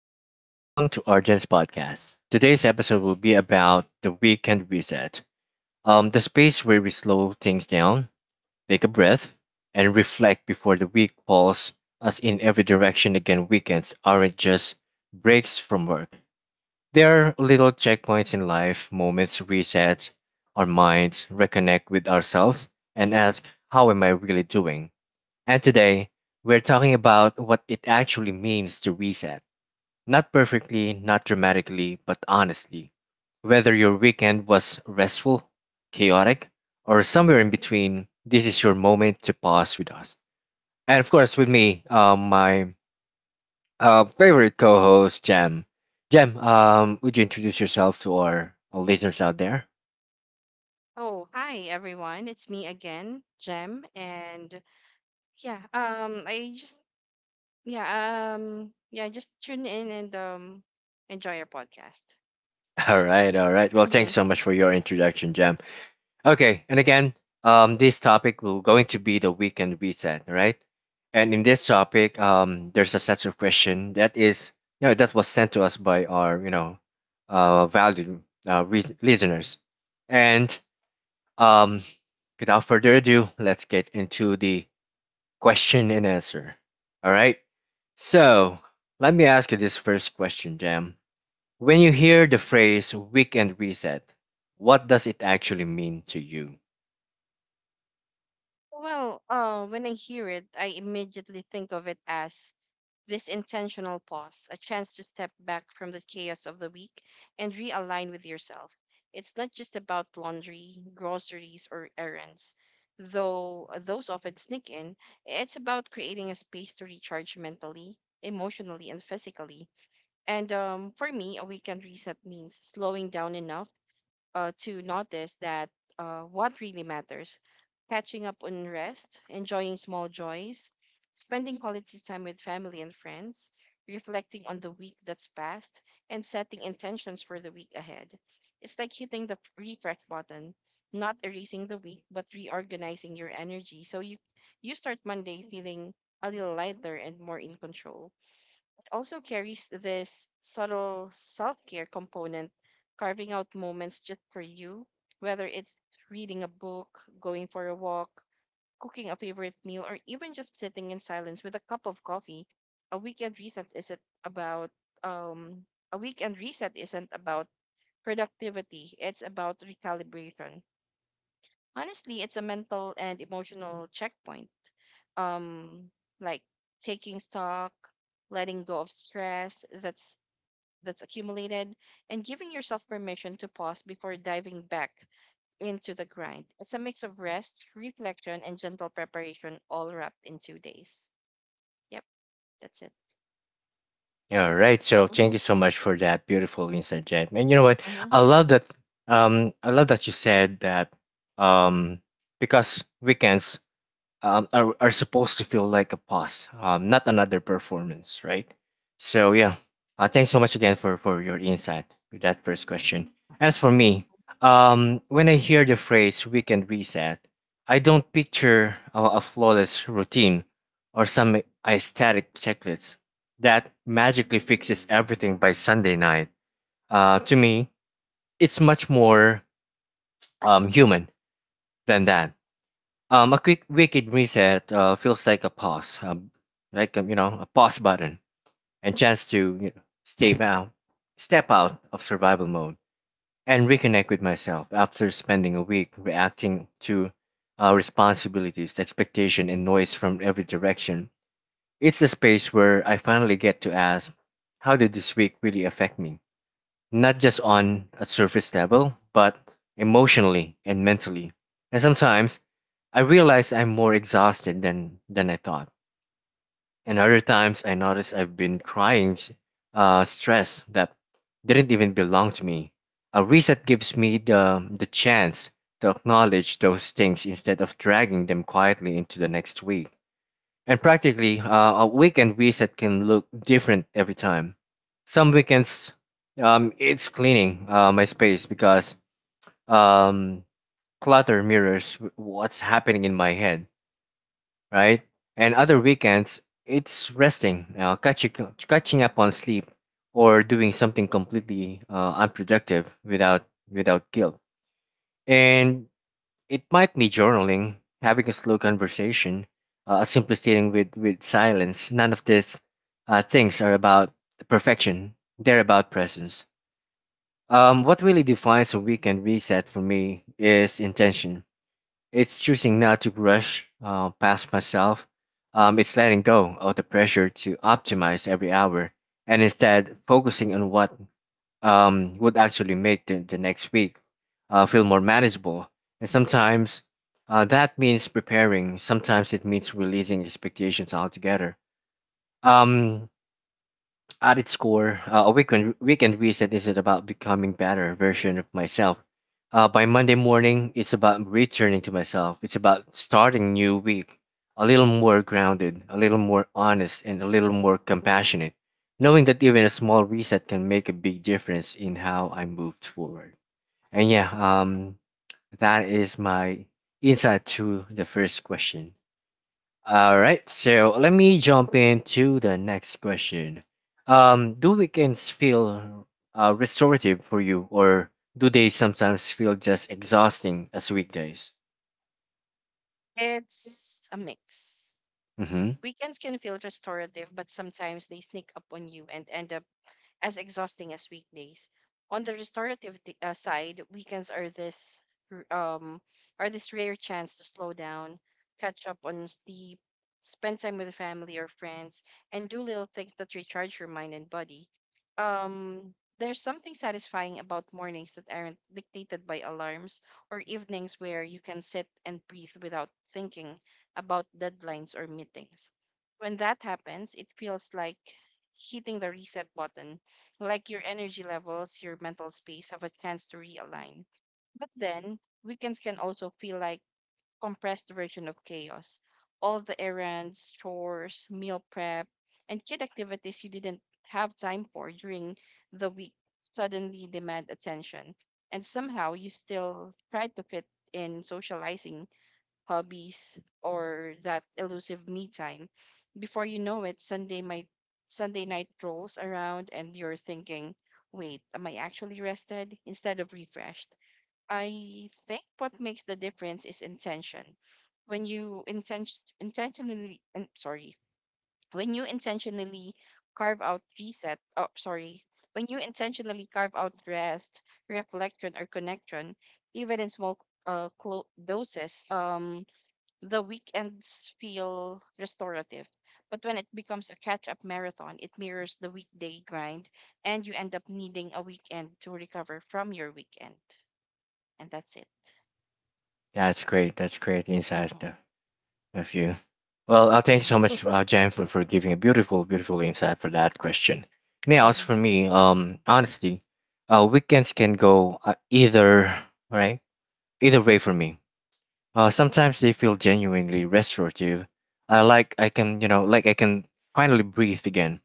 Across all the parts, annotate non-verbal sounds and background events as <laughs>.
everyone. Welcome to Argent's podcast. Today's episode will be about the weekend reset, the space where we slow things down, take a breath, and reflect before the week pulls us in every direction again. Weekends aren't just breaks from work, they are little checkpoints in life, moments reset our minds, reconnect with ourselves, and ask, how am I really doing? And today, we're talking about what it actually means to reset not perfectly, not dramatically, but honestly. Whether your weekend was restful, chaotic, or somewhere in between, this is your moment to pause with us. And of course, with me, my favorite co host, Jam. Jam, would you introduce yourself to our listeners out there? Oh, hi everyone. It's me again, Jem, and yeah, I just yeah, yeah, just tune in and enjoy your podcast. <laughs> All right, all right. Well, hmm thanks so much for your introduction, Jam. Okay, and again, this topic will going to be the weekend reset, right? And in this topic, there's a set of question that is, that was sent to us by our, valued listeners. And um, without further ado, let's get into the question and answer. All right. So let me ask you this first question, Jam. When you hear the phrase weekend reset, what does it actually mean to you? Well, when I hear it, I immediately think of it as this intentional pause, a chance to step back from the chaos of the week and realign with yourself. It's not just about laundry, groceries, or errands, though those often sneak in. It's about creating a space to recharge mentally, emotionally, and physically. And for me, a weekend reset means slowing down enough to notice that what really matters, catching up on rest, enjoying small joys, spending quality time with family and friends, reflecting on the week that's passed, and setting intentions for the week ahead. It's like hitting the refresh button, not erasing the week, but reorganizing your energy so you start Monday feeling a little lighter and more in control, also carries this subtle self care component, carving out moments just for you, whether it's reading a book, going for a walk, cooking a favorite meal, or even just sitting in silence with a cup of coffee. A weekend reset isn't about um a weekend reset isn't about productivity. It's about recalibration. Honestly, it's a mental and emotional checkpoint. Um, like taking stock, letting go of stress that's accumulated and giving yourself permission to pause before diving back into the grind. It's a mix of rest, reflection, and gentle preparation all wrapped in 2 days. Yep, that's it. All right. So thank hmm you so much for that beautiful insight, Jen. And you know what? hmm I love that. I love that you said that. Um, because weekends are supposed to feel like a pause, not another performance, right? So yeah, thanks so much again for your insight with that first question. As for me, when I hear the phrase "weekend reset," I don't picture a flawless routine or some aesthetic checklist that magically fixes everything by Sunday night. To me, it's much more human than that. A quick wicked reset feels like a pause, like you know, a pause button, and chance to you know, step out of survival mode, and reconnect with myself after spending a week reacting to responsibilities, expectation, and noise from every direction. It's the space where I finally get to ask, how did this week really affect me? Not just on a surface level, but emotionally and mentally. And sometimes I realize I'm more exhausted than I thought. And other times I notice I've been crying stress that didn't even belong to me. A reset gives me the chance to acknowledge those things instead of dragging them quietly into the next week. And practically, a weekend visit can look different every time. Some weekends, it's cleaning my space because um, clutter mirrors what's happening in my head, right? And other weekends, it's resting, catching up on sleep, or doing something completely unproductive without guilt. And it might be journaling, having a slow conversation, simply sitting with silence. None of these things are about perfection, they're about presence. What really defines a weekend reset for me is intention. It's choosing not to rush past myself. It's letting go of the pressure to optimize every hour and instead focusing on what would actually make the next week feel more manageable. And sometimes that means preparing, sometimes it means releasing expectations altogether. Um, at its core, a weekend reset isn't about becoming better version of myself. By Monday morning, it's about returning to myself. It's about starting new week a little more grounded, a little more honest, and a little more compassionate, knowing that even a small reset can make a big difference in how I moved forward. And yeah, that is my insight to the first question. All right, so let me jump into the next question. Do weekends feel restorative for you, or do they sometimes feel just exhausting as weekdays? It's a mix. Mm-hmm. Weekends can feel restorative, but sometimes they sneak up on you and end up as exhausting as weekdays. On the side, weekends are r- um are this rare chance to slow down, catch up on sleep, spend time with family or friends, and do little things that recharge your mind and body. Um, there's something satisfying about mornings that aren't dictated by alarms or evenings where you can sit and breathe without thinking about deadlines or meetings. When that happens, it feels like hitting the reset button, like your energy levels, your mental space, have a chance to realign. But then, weekends can also feel like compressed version of chaos. All the errands, chores, meal prep, and kid activities you didn't have time for during the week suddenly demand attention. And somehow you still try to fit in socializing, hobbies, or that elusive me time. Before you know it, Sunday night rolls around and you're thinking, wait, am I actually rested instead of refreshed? I think what makes the difference is intention. When you intention intentionally and sorry, when you intentionally carve out reset, oh sorry, when you intentionally carve out rest, reflection or connection, even in small doses, the weekends feel restorative. But when it becomes a catch up marathon, it mirrors the weekday grind, and you end up needing a weekend to recover from your weekend. And that's it. That's great. That's great insight Mm-hmm. of you. Well, thanks Yeah. so much, Jen, for giving a beautiful, beautiful insight for that question. Now, as for hmm me, honestly, weekends can go either, right? Either way for me. Sometimes they feel genuinely restorative, like I can, you know, like I can finally breathe again.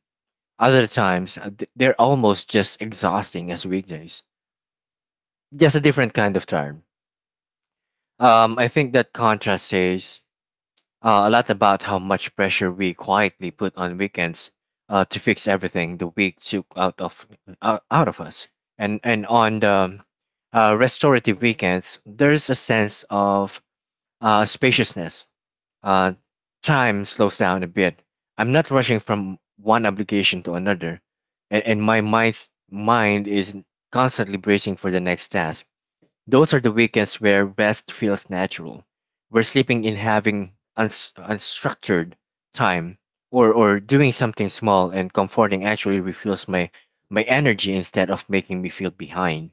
Other times, they're almost just exhausting as weekdays. Just a different kind of tired. I think that contrast says a lot about how much pressure we quietly put on weekends to fix everything the week took out of out of us. And on the restorative weekends, there's a sense of spaciousness. Uh, time slows down a bit. I'm not rushing from one obligation to another, and my mind is constantly bracing for the next task. Those are the weekends where rest feels natural, where sleeping in having unstructured time, or doing something small and comforting actually refuels my energy instead of making me feel behind.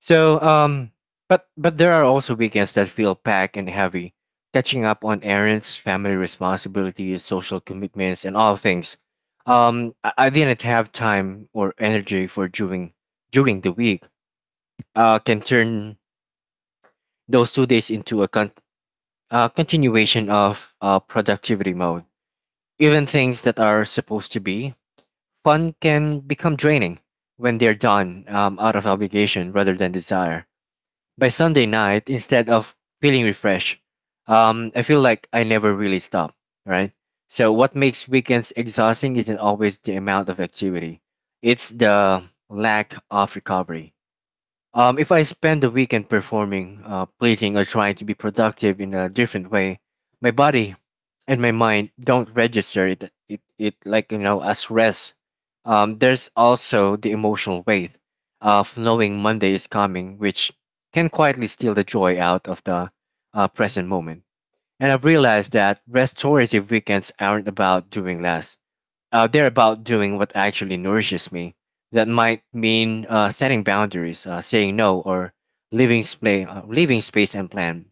So, but there are also weekends that feel packed and heavy, catching up on errands, family responsibilities, social commitments, and all things. I didn't have time or energy for doing during the week. Can turn those 2 days into a continuation of productivity mode. Even things that are supposed to be fun can become draining when they're done out of obligation rather than desire. By Sunday night, instead of feeling refreshed, I feel like I never really stop, right? So, what makes weekends exhausting isn't always the amount of activity, it's the lack of recovery. If I spend the weekend performing, pleasing, or trying to be productive in a different way, my body and my mind don't register it. It like you know as rest. There's also the emotional weight of knowing Monday is coming, which can quietly steal the joy out of the present moment. And I've realized that restorative weekends aren't about doing less. They're about doing what actually nourishes me. That might mean setting boundaries, saying no, or leaving, leaving space and plan.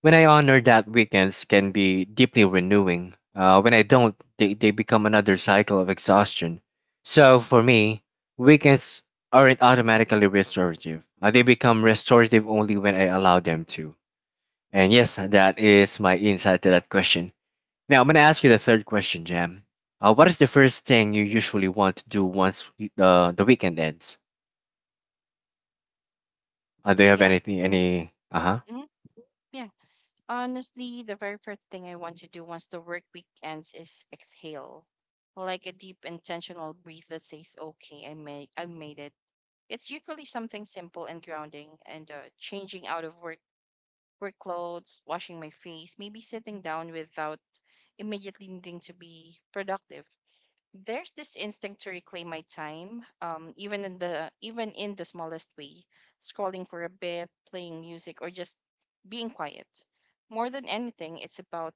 When I honor that, weekends can be deeply renewing. When I don't, they become another cycle of exhaustion. So for me, weekends aren't automatically restorative. They become restorative only when I allow them to. And yes, that is my insight to that question. Now, I'm going to ask you the third question, Jam. What is the first thing you usually want to do once the weekend ends? Do you have Yeah. anything? Any? Uh huh. hmm Yeah. Honestly, the very first thing I want to do once the work week ends is exhale, like a deep intentional breath that says, "Okay, I made it." It's usually something simple and grounding, and changing out of work wear clothes, washing my face, maybe sitting down without immediately needing to be productive. There's this instinct to reclaim my time, even in the smallest way, scrolling for a bit, playing music, or just being quiet. More than anything, it's about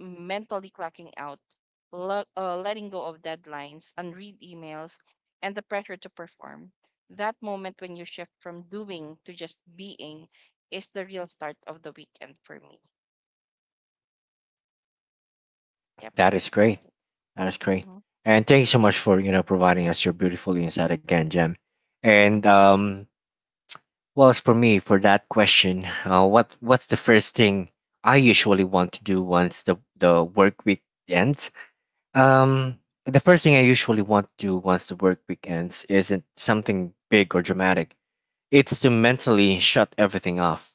mentally clocking out, letting go of deadlines, unread emails, and the pressure to perform. That moment when you shift from doing to just being is the real start of the weekend for me. Yep, That is great. that's it. That is great. And thank you so much for you know providing us your beautiful insight again, Jam. And hmm well, as for me, for that question, what what's the first thing I usually want to do once the work week ends? Um, the first thing I usually want to do once the work week ends isn't something big or dramatic. It's to mentally shut everything off.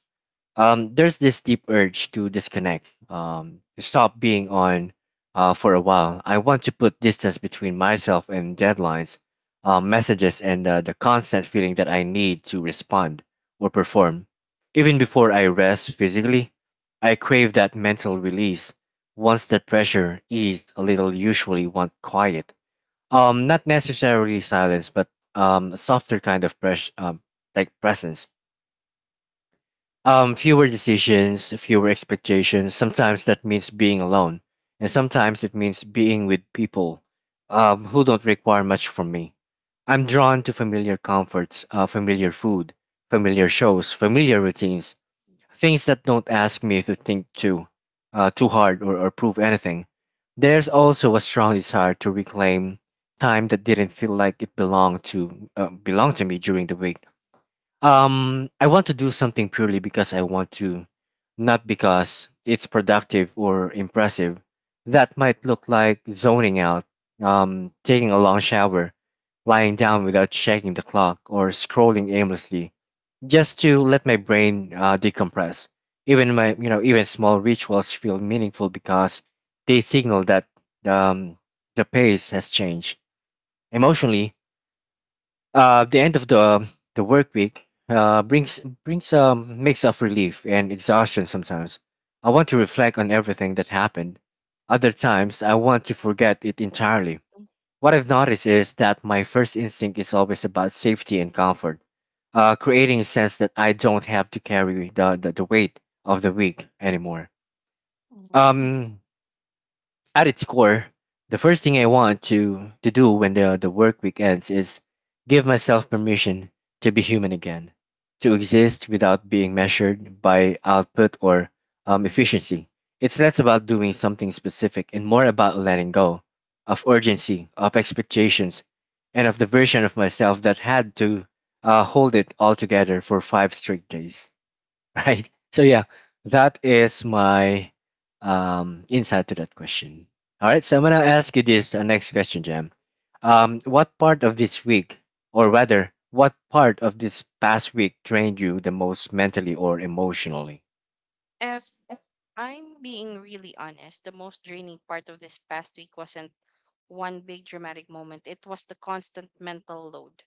There's this deep urge to disconnect, to stop being on for a while. I want to put distance between myself and deadlines, messages, and the constant feeling that I need to respond or perform. Even before I rest physically, I crave that mental release. Once that pressure eased a little, usually want quiet not necessarily silence, but a softer kind of press, like presence. Fewer decisions, fewer expectations. Sometimes that means being alone, and sometimes it means being with people who don't require much from me. I'm drawn to familiar comforts, familiar food, familiar shows, familiar routines. Things that don't ask me to think too, too hard or prove anything. There's also a strong desire to reclaim time that didn't feel like it belonged to me during the week. I want to do something purely because I want to, not because it's productive or impressive. That might look like zoning out, taking a long shower, lying down without checking the clock, or scrolling aimlessly just to let my brain decompress. Even my, you know, even small rituals feel meaningful because they signal that um, the pace has changed emotionally. The end of the work week uh, brings a mix of relief and exhaustion. Sometimes I want to reflect on everything that happened. Other times I want to forget it entirely. What I've noticed is that my first instinct is always about safety and comfort, creating a sense that I don't have to carry the weight of the week anymore. Um, at its core, the first thing I want to do when the work week ends is give myself permission to be human again, to exist without being measured by output or efficiency. It's less about doing something specific and more about letting go of urgency, of expectations, and of the version of myself that had to hold it all together for five straight days. <laughs> Right? So yeah, that is my insight to that question. All right, so I'm gonna ask you this next question, Jam. What part of this week, or rather, what part of this past week drained you the most mentally or emotionally? hmm I'm being really honest. The most draining part of this past week wasn't one big dramatic moment, it was the constant mental load.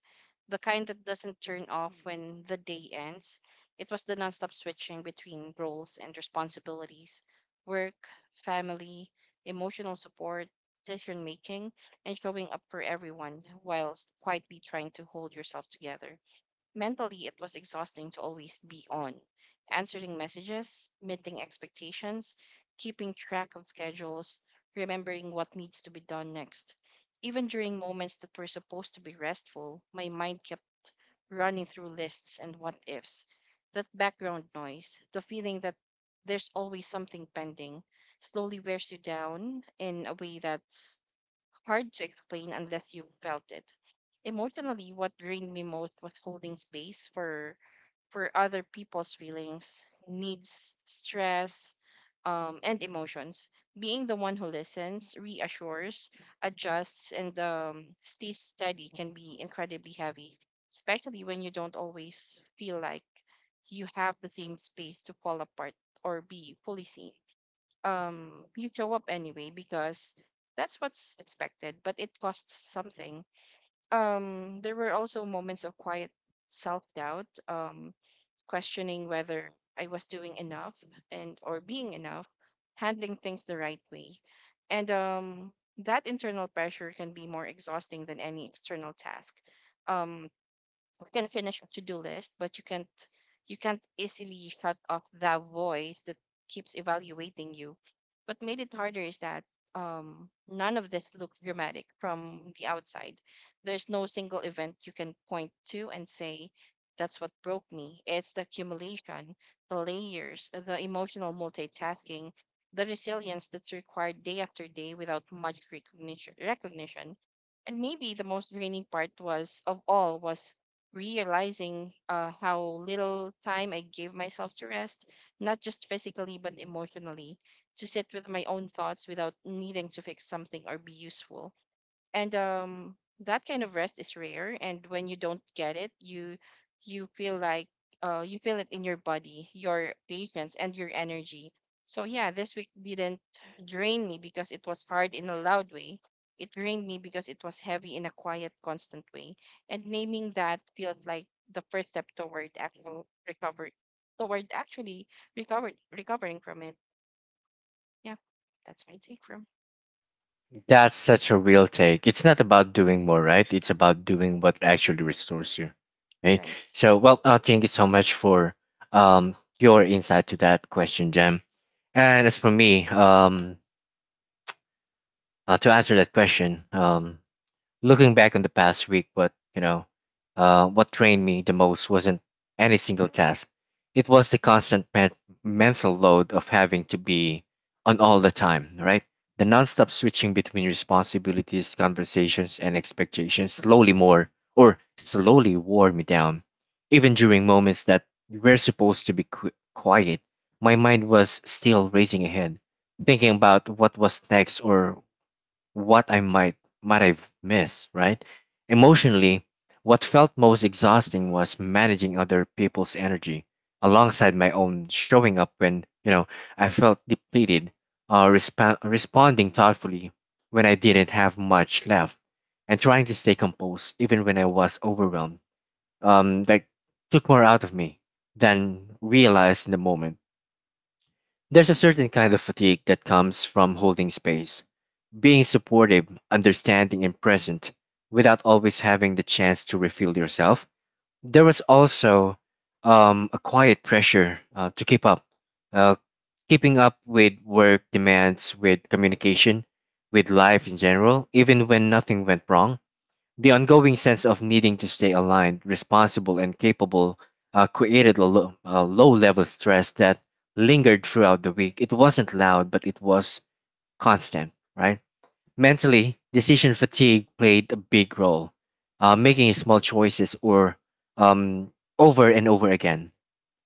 The kind that doesn't turn off when the day ends. It was the nonstop switching between roles and responsibilities: work, family, emotional support, decision making, and showing up for everyone whilst quietly trying to hold yourself together. Mentally, it was exhausting to always be on, answering messages, meeting expectations, keeping track of schedules, remembering what needs to be done next. Even during moments that were supposed to be restful, my mind kept running through lists and what ifs. That background noise, the feeling that there's always something pending, slowly wears you down in a way that hard to explain unless you've felt it. Emotionally, what drained me most was holding space for other people's feelings, needs, stress, and emotions. Being the one who listens, reassures, adjusts, and stays steady can be incredibly heavy, especially when you don't always feel like you have the same space to fall apart or be fully seen. You show up anyway because that's what's expected, but it costs something. There were also moments of quiet self-doubt, questioning whether I was doing enough, and or being enough, handling things the right way. And That internal pressure can be more exhausting than any external task. um you can finish a to-do list but you can't easily shut off that voice that keeps evaluating you. What made it harder is that, none of this looks dramatic from the outside. There's no single event you can point to and say that's what broke me. It's the accumulation, the layers, the emotional multitasking, the resilience that's required day after day without much recognition. And maybe the most draining part was of all was realizing how little time I gave myself to rest, not just physically, but emotionally, to sit with my own thoughts without needing to fix something or be useful. And That kind of rest is rare, and when you don't get it, you feel like you feel it in your body, your patience, and your energy. So yeah, this week didn't drain me because it was hard in a loud way, it drained me because it was heavy in a quiet constant way. And naming that feels like the first step toward actual recovery, toward actually recovered recovering from it. Yeah, that's my take from. That's such a real take. It's not about doing more, right? It's about doing what actually restores you, right? Right. So, well, thank you so much for your insight to that question, Jam. And as for me, to answer that question, looking back on the past week, what drained me the most wasn't any single task. It was the constant mental load of having to be on all the time, right? The nonstop switching between responsibilities, conversations, and expectations slowly more or slowly wore me down. Even during moments that were supposed to be quiet, my mind was still racing ahead thinking about what was next or what I might have missed, right? Emotionally, what felt most exhausting was managing other people's energy alongside my own, showing up when, you know, I felt depleted, responding thoughtfully when I didn't have much left, and trying to stay composed even when I was overwhelmed. Like, took more out of me than realized in the moment. There's a certain kind of fatigue that comes from holding space, being supportive, understanding, and present without always having the chance to refill yourself. There was also a quiet pressure to keep up, uh, keeping up with work demands, with communication, with life in general, even when nothing went wrong. The ongoing sense of needing to stay aligned, responsible, and capable created a low level stress that lingered throughout the week. It wasn't loud, but it was constant, right? Mentally, decision fatigue played a big role, making small choices or um, over and over again.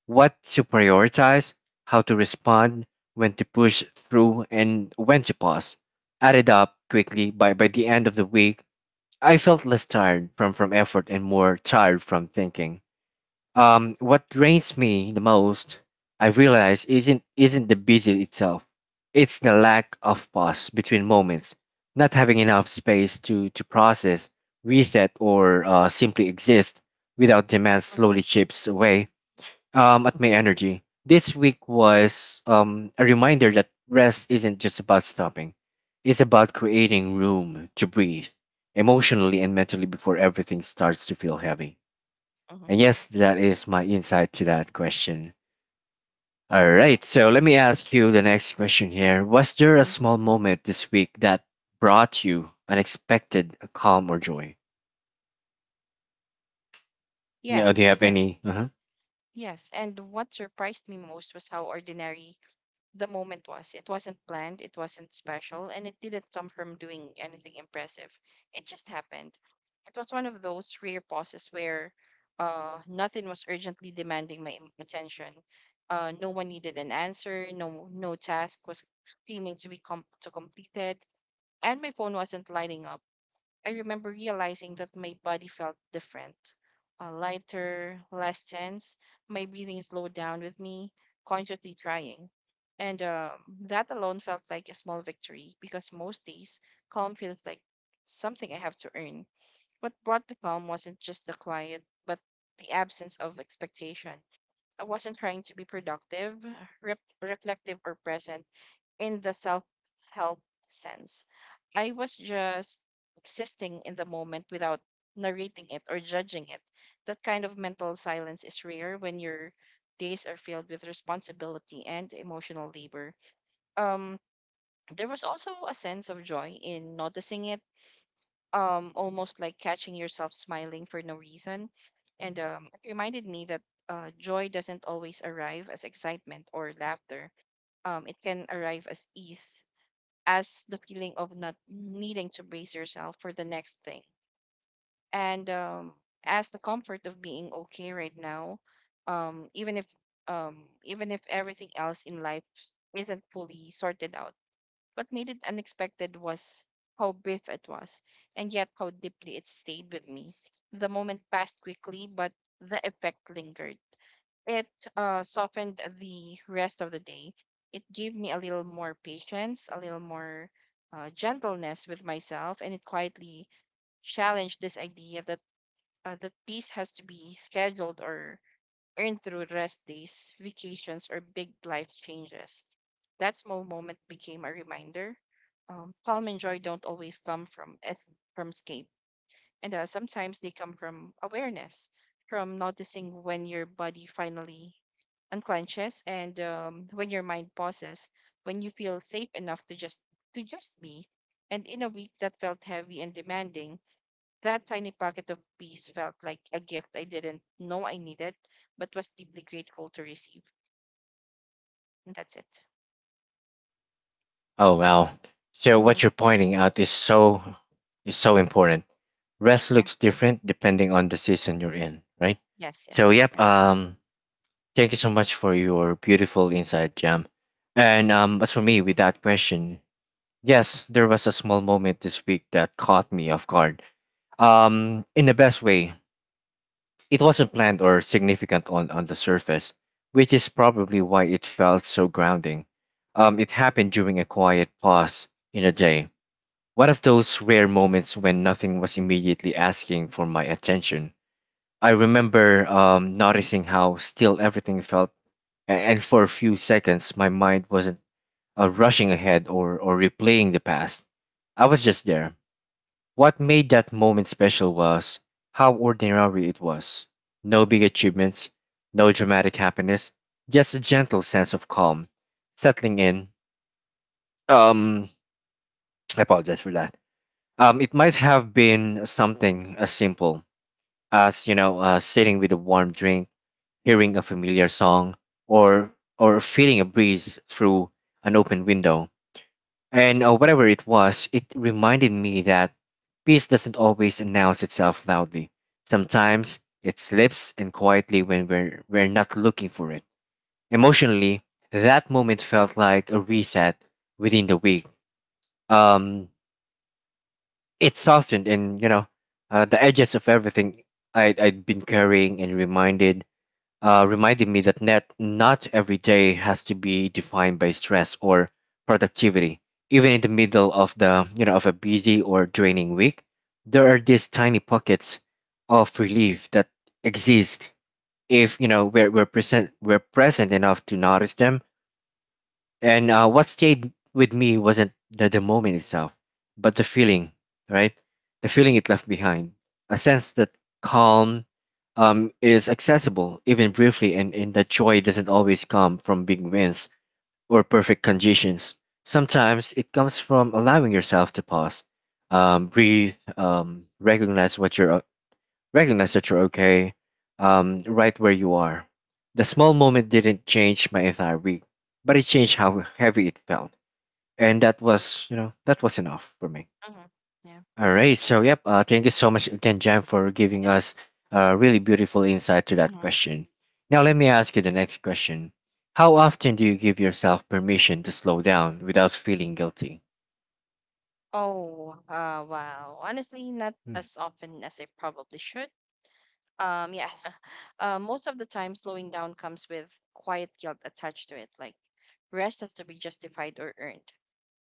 What to prioritize, how to respond, when to push through, and when to pause. Added up quickly. By, the end of the week, I felt less tired from effort and more tired from thinking. What drains me the most, I realize, isn't the busy itself. It's the lack of pause between moments, not having enough space to process, reset, or simply exist without demand, mm-hmm, slowly chips away at my energy. This week was a reminder that rest isn't just about stopping; it's about creating room to breathe emotionally and mentally before everything starts to feel heavy. mm-hmm, And yes, that is my insight to that question. All right, so let me ask you the next question here. Was there a mm-hmm. small moment this week that brought you unexpected calm or joy? No, do Yes. you have any? Uh-huh. Yes, and what surprised me most was how ordinary the moment was. It wasn't planned, it wasn't special, and it didn't come from doing anything impressive. It just happened. It was one of those rare pauses where nothing was urgently demanding my attention. No one needed an answer, no task was screaming to to completed, and my phone wasn't lighting up. I remember realizing that my body felt different, lighter, less tense. My breathing slowed down with me, consciously trying. And that alone felt like a small victory because most days, calm feels like something I have to earn. What brought the calm wasn't just the quiet, but the absence of expectation. I wasn't trying to be productive, reflective, or present in the self help sense. I was just existing in the moment without narrating it or judging it. That kind of mental silence is rare when your days are filled with responsibility and emotional labor. Um, there was also a sense of joy in noticing it, almost like catching yourself smiling for no reason. And it reminded me that joy doesn't always arrive as excitement or laughter. It can arrive as ease, as the feeling of not needing to brace yourself for the next thing. And as the comfort of being okay right now, um, even if um, even if everything else in life isn't fully sorted out. What made it unexpected was how brief it was, and yet how deeply it stayed with me. The moment passed quickly, but the effect lingered. It softened the rest of the day. It gave me a little more patience, a little more gentleness with myself, and it quietly challenged this idea that peace has to be scheduled or earned through rest days, vacations, or big life changes. That small moment became a reminder. Calm and joy don't always come from from escape, and sometimes they come from awareness, from noticing when your body finally unclenches, and when your mind pauses, when you feel safe enough to just be. And in a week that felt heavy and demanding, that tiny pocket of peace felt like a gift I didn't know I needed, but was deeply grateful to receive. And that's it. Oh wow! So what hmm you're pointing out is so important. Rest Yeah. looks different depending on the season you're in, right? Yes. Yes. So That's yep. correct. Thank you so much for your beautiful insight, Jam. And as for me, with that question, yes, there was a small moment this week that caught me off guard. In the best way. It wasn't planned or significant on the surface, which is probably why it felt so grounding. It happened during a quiet pause in a day. One of those rare moments when nothing was immediately asking for my attention. I remember noticing how still everything felt, and for a few seconds, my mind wasn't rushing ahead or replaying the past. I was just there. What made that moment special was how ordinary it was. No big achievements, no dramatic happiness, just a gentle sense of calm settling in. Um, I apologize for that. It might have been something as simple as, you know, sitting with a warm drink, hearing a familiar song, or feeling a breeze through an open window. And whatever it was, it reminded me that peace doesn't always announce itself loudly. Sometimes it slips in quietly when we're not looking for it. Emotionally, that moment felt like a reset within the week. Um, it softened, and, you know, the edges of everything I'd been carrying, and reminded reminded me that not every day has to be defined by stress or productivity. Even in the middle of the, you know, of a busy or draining week, there are these tiny pockets of relief that exist if, you know, we're present enough to notice them. And what stayed with me wasn't the moment itself, but the feeling, right? The feeling it left behind. A sense that calm is accessible, even briefly, and that joy doesn't always come from big wins or perfect conditions. Sometimes it comes from allowing yourself to pause, breathe, Recognize that you're okay, right where you are. The small moment didn't change my entire week, but it changed how heavy it felt. And that was, you know, that was enough for me. hmm Yeah. All right. So, yep. Thank you so much again, Jam, for giving Yeah. us a really beautiful insight to that Mm-hmm. question. Now, let me ask you the next question. How often do you give yourself permission to slow down without feeling guilty? Oh, wow. Honestly, not as often as I probably should. Yeah. <laughs> Most of the time, slowing down comes with quiet guilt attached to it, like rest has to be justified or earned.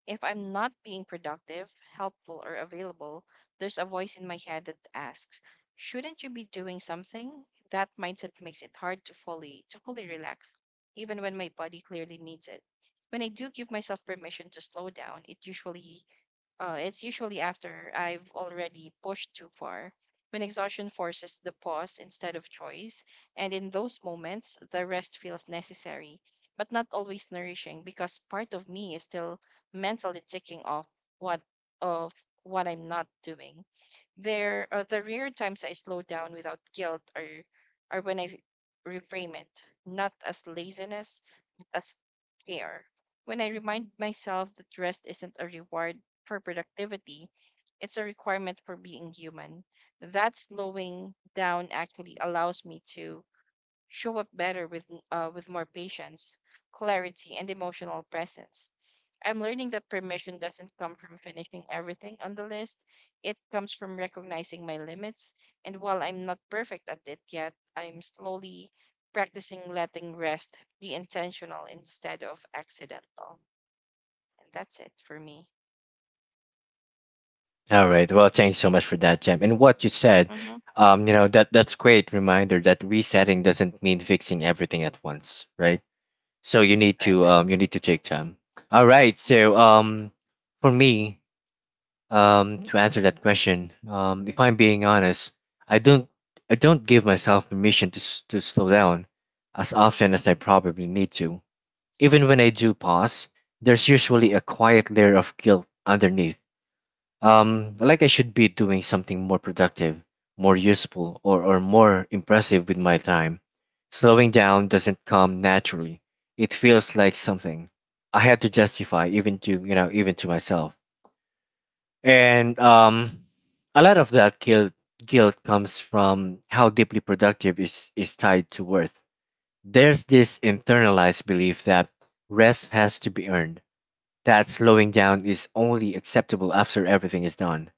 If I'm not being productive, helpful, or available, there's a voice in my head that asks, "Shouldn't you be doing something?" That mindset makes it hard to fully relax, even when my body clearly needs it. When I do give myself permission to slow down, it usually it's usually after I've already pushed too far, when exhaustion forces the pause instead of choice. And in those moments, the rest feels necessary, but not always nourishing because part of me is still mentally ticking off what of what I'm not doing. There are the rare times I slow down without guilt or when I reframe it, not as laziness as care. When I remind myself that rest isn't a reward for productivity, it's a requirement for being human. That slowing down actually allows me to show up better with more patience, clarity, and emotional presence. I'm learning that permission doesn't come from finishing everything on the list. It comes from recognizing my limits. And while I'm not perfect at it yet, I'm slowly practicing letting rest be intentional instead of accidental. And that's it for me. All right. Well, thanks so much for that, Jem. And what you said, Mm-hmm. You know, that's great reminder that resetting doesn't mean fixing everything at once, right? So Right, right. You need to take time. All right. So for me, to answer that question, if I'm being honest, I don't I don't give myself permission to to slow down as often as I probably need to. Even when I do pause, there's usually Mhm. a quiet layer of guilt underneath, like I should be doing something more productive, more useful, or more impressive with my time. Slowing down doesn't come naturally. It feels like something I had to justify even to, you know, even to myself. And a lot of that guilt comes from how deeply productive is tied to worth. There's this internalized belief that rest has to be earned, that slowing down is only acceptable after everything is done,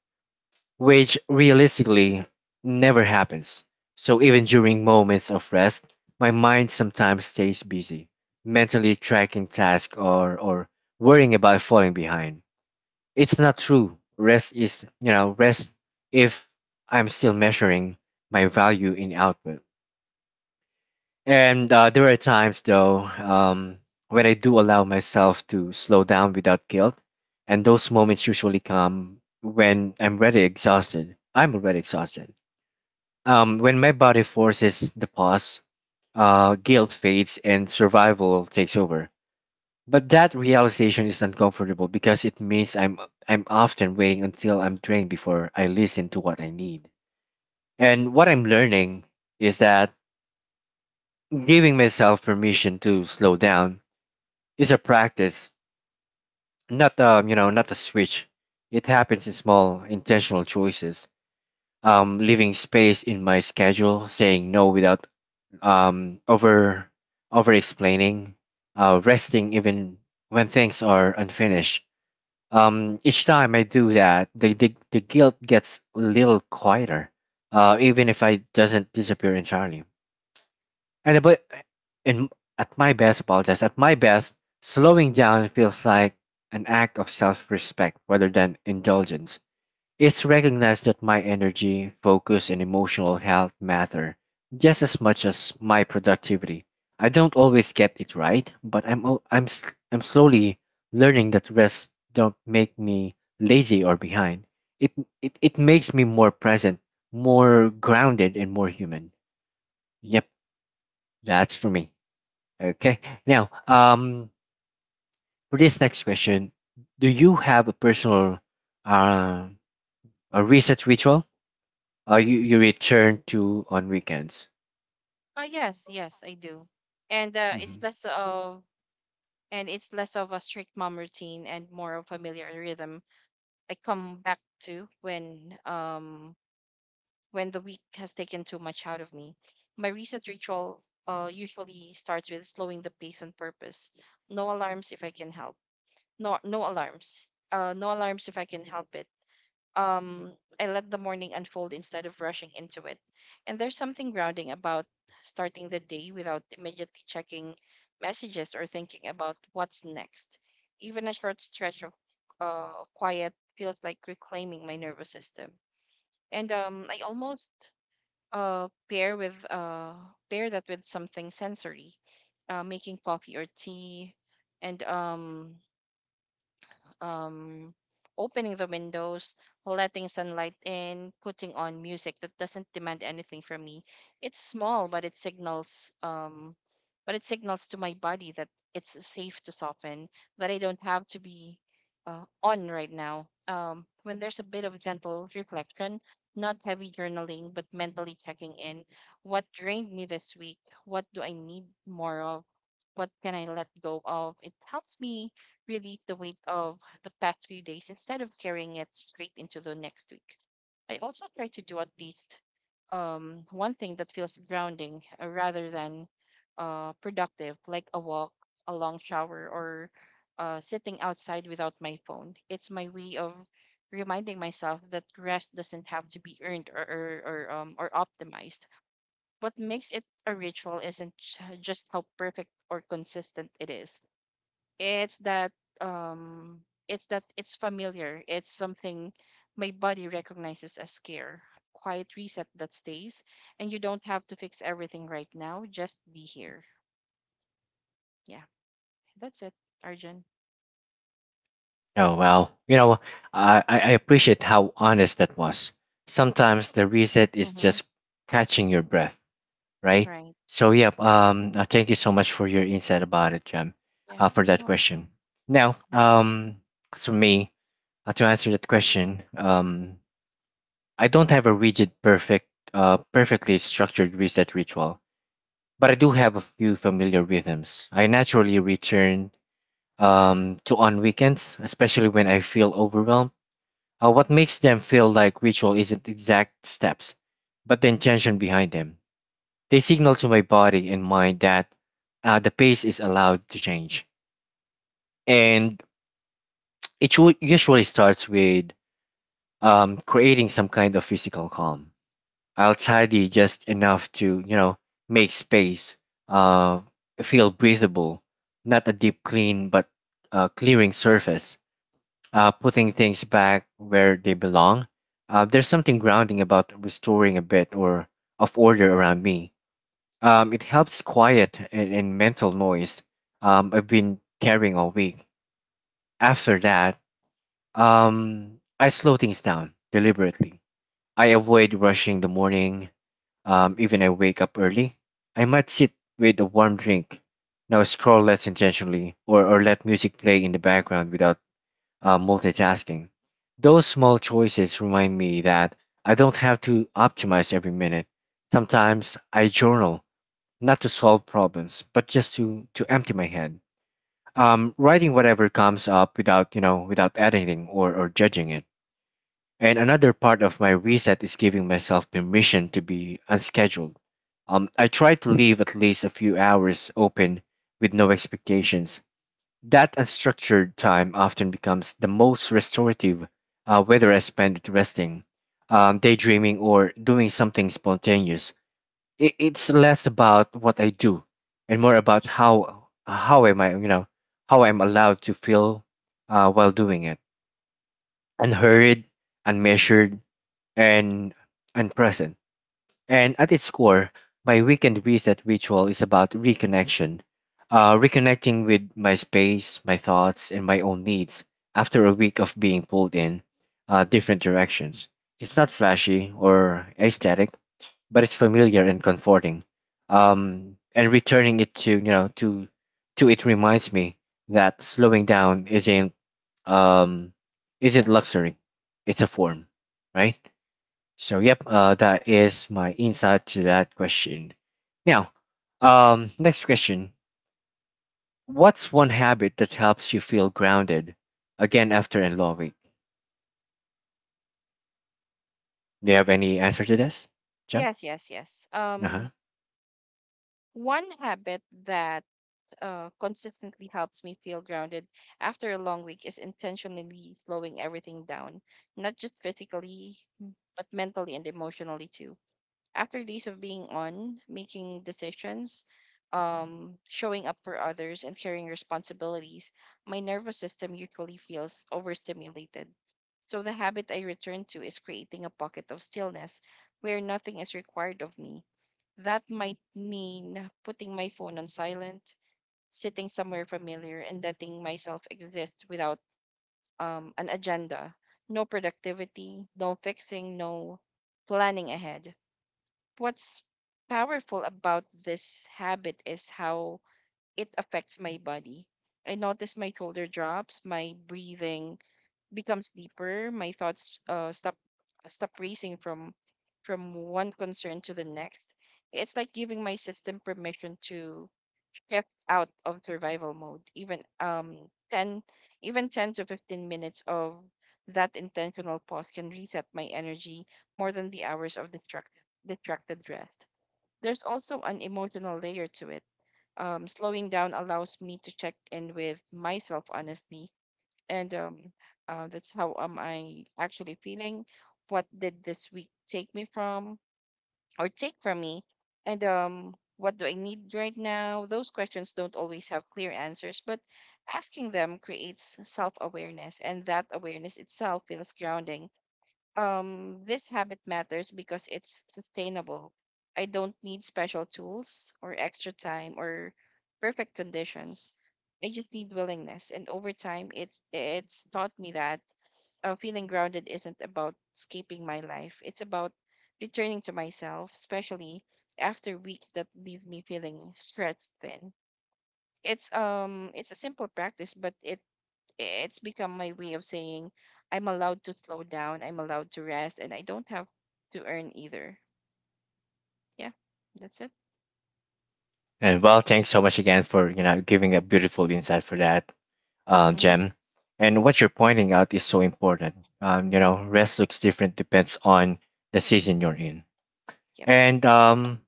which realistically never happens. So even during moments of rest, my mind sometimes stays busy, mentally tracking tasks or worrying about falling behind. It's not true rest is, you know, rest if I'm still measuring my value in output. And there are times, though, when I do allow myself to slow down without guilt, and those moments usually come when I'm already exhausted, when my body forces the pause, guilt fades and survival takes over. But that realization is uncomfortable because it means I'm often waiting until I'm drained before I listen to what I need. And what I'm learning is that giving myself permission to slow down is a practice, not, you know, not a switch. It happens in small intentional choices. Leaving space in my schedule, saying no without um, over over explaining, resting even when things are unfinished. Each time I do that, the guilt gets a little quieter, even if I doesn't disappear entirely. And but in at my best, apologize. At my best, slowing down feels like an act of self-respect rather than indulgence. It's recognized that my energy, focus, and emotional health matter just as much as my productivity. I don't always get it right, but I'm al- I'm s- I'm slowly learning that rest don't make me lazy or behind. It it makes me more present, more grounded, and more human. Yep, that's for me. Okay. Now, for this next question, do you have a personal uh a reset ritual? Oh, you return to on weekends. Oh yes, yes, I do. And Hmm it's less of a strict mom routine and more of familiar rhythm I come back to when the week has taken too much out of me. My reset ritual usually starts with slowing the pace on purpose. No alarms if I can help. No no alarms. No alarms if I can help it, um, I let the morning unfold instead of rushing into it. And there's something grounding about starting the day without immediately checking messages or thinking about what's next. Even a short stretch of quiet feels like reclaiming my nervous system. And um, I almost uh, pair with uh, pair that with something sensory, making coffee or tea, and um, opening the windows, letting sunlight in, putting on music that doesn't demand anything from me. It's small, but it signals to my body that it's safe to soften, that I don't have to be on right now. When there's a bit of gentle reflection, not heavy journaling, but mentally checking in. What drained me this week? What do I need more of? What can I let go of? It helps me relieve the weight of the past few days instead of carrying it straight into the next week. I also try to do at least one thing that feels grounding rather than productive, like a walk, a long shower, or sitting outside without my phone. It's my way of reminding myself that rest doesn't have to be earned or optimized. What makes it a ritual isn't just how perfect or consistent it is, it's that um it's familiar. It's something my body recognizes as care. Quiet reset that stays and you don't have to fix everything right now. Just be here. Yeah. That's it, Arjun. Oh well, you know, I appreciate how honest that was. Sometimes the reset is Mm-hmm. just catching your breath, right? Right. So yep. Thank you so much for your insight about it, Jam, Yeah. For No that worries. question. Now, Mhm. As for me, to answer that question, I don't have a rigid, perfect, perfectly structured reset ritual, but I do have a few familiar rhythms I naturally return to on weekends, especially when I feel overwhelmed. What makes them feel like ritual isn't exact steps, but the intention behind them. They signal to my body and mind that the pace is allowed to change. And it usually starts with creating some kind of physical calm. I'll tidy just enough to, you know, make space, uh, feel breathable, not a deep clean, but clearing surface putting things back where they belong. There's something grounding about restoring a bit or of order around me. It helps quiet and mental noise I've been carrying all week. After that, I slow things down deliberately. I avoid rushing the morning. Even I wake up early. I might sit with a warm drink. Now scroll less intentionally, or let music play in the background without multitasking. Those small choices remind me that I don't have to optimize every minute. Sometimes I journal, not to solve problems, but just to empty my head. Writing whatever comes up without, without editing or judging it. And another part of my reset is giving myself permission to be unscheduled. I try to leave at least a few hours open with no expectations that unstructured time often becomes the most restorative, whether I spend it resting, daydreaming, or doing something spontaneous. It's less about what I do and more about how am I, you know, how I'm allowed to feel while doing it, unhurried, unmeasured, and unpresent. And at its core, my weekend reset ritual is about reconnection, reconnecting with my space, my thoughts, and my own needs after a week of being pulled in different directions. It's not flashy or aesthetic, but it's familiar and comforting. And returning it to you know to it reminds me that slowing down isn't um, isn't luxury; it's a form, right? So yep, that is my insight to that question. Now, next question: what's one habit that helps you feel grounded again after a long week? Do you have any answer to this, Jem? Yes, yes, yes. Uh huh. One habit that consistently helps me feel grounded after a long week is intentionally slowing everything down, not just physically, but mentally and emotionally too. After days of being on, making decisions, showing up for others, and carrying responsibilities, my nervous system usually feels overstimulated. So the habit I return to is creating a pocket of stillness where nothing is required of me. That might mean putting my phone on silent, sitting somewhere familiar and letting myself exist without an agenda. No productivity, no fixing, no planning ahead. What's powerful about this habit is how it affects my body. I notice my shoulder drops, my breathing becomes deeper. My thoughts stop racing from one concern to the next. It's like giving my system permission to shift out of survival mode. Ten even 10 to 15 minutes of that intentional pause can reset my energy more than the hours of distracted rest. There's also an emotional layer to it. Slowing down allows me to check in with myself honestly and that's how am I actually feeling? What did this week take me from or take from me? And what do I need right now? Those questions don't always have clear answers, but asking them creates self awareness, and that awareness itself feels grounding. This habit matters because it's sustainable. I don't need special tools or extra time or perfect conditions. I just need willingness, and over time, it's taught me that feeling grounded isn't about escaping my life. It's about returning to myself, especially after weeks that leave me feeling stretched thin. It's a simple practice, but it's become my way of saying I'm allowed to slow down, I'm allowed to rest, and I don't have to earn either. Yeah, that's it. And well, thanks so much again for giving a beautiful insight for that, Mm-hmm. Jem. And what you're pointing out is so important. You know, rest looks different depends on the season you're in. Yep. And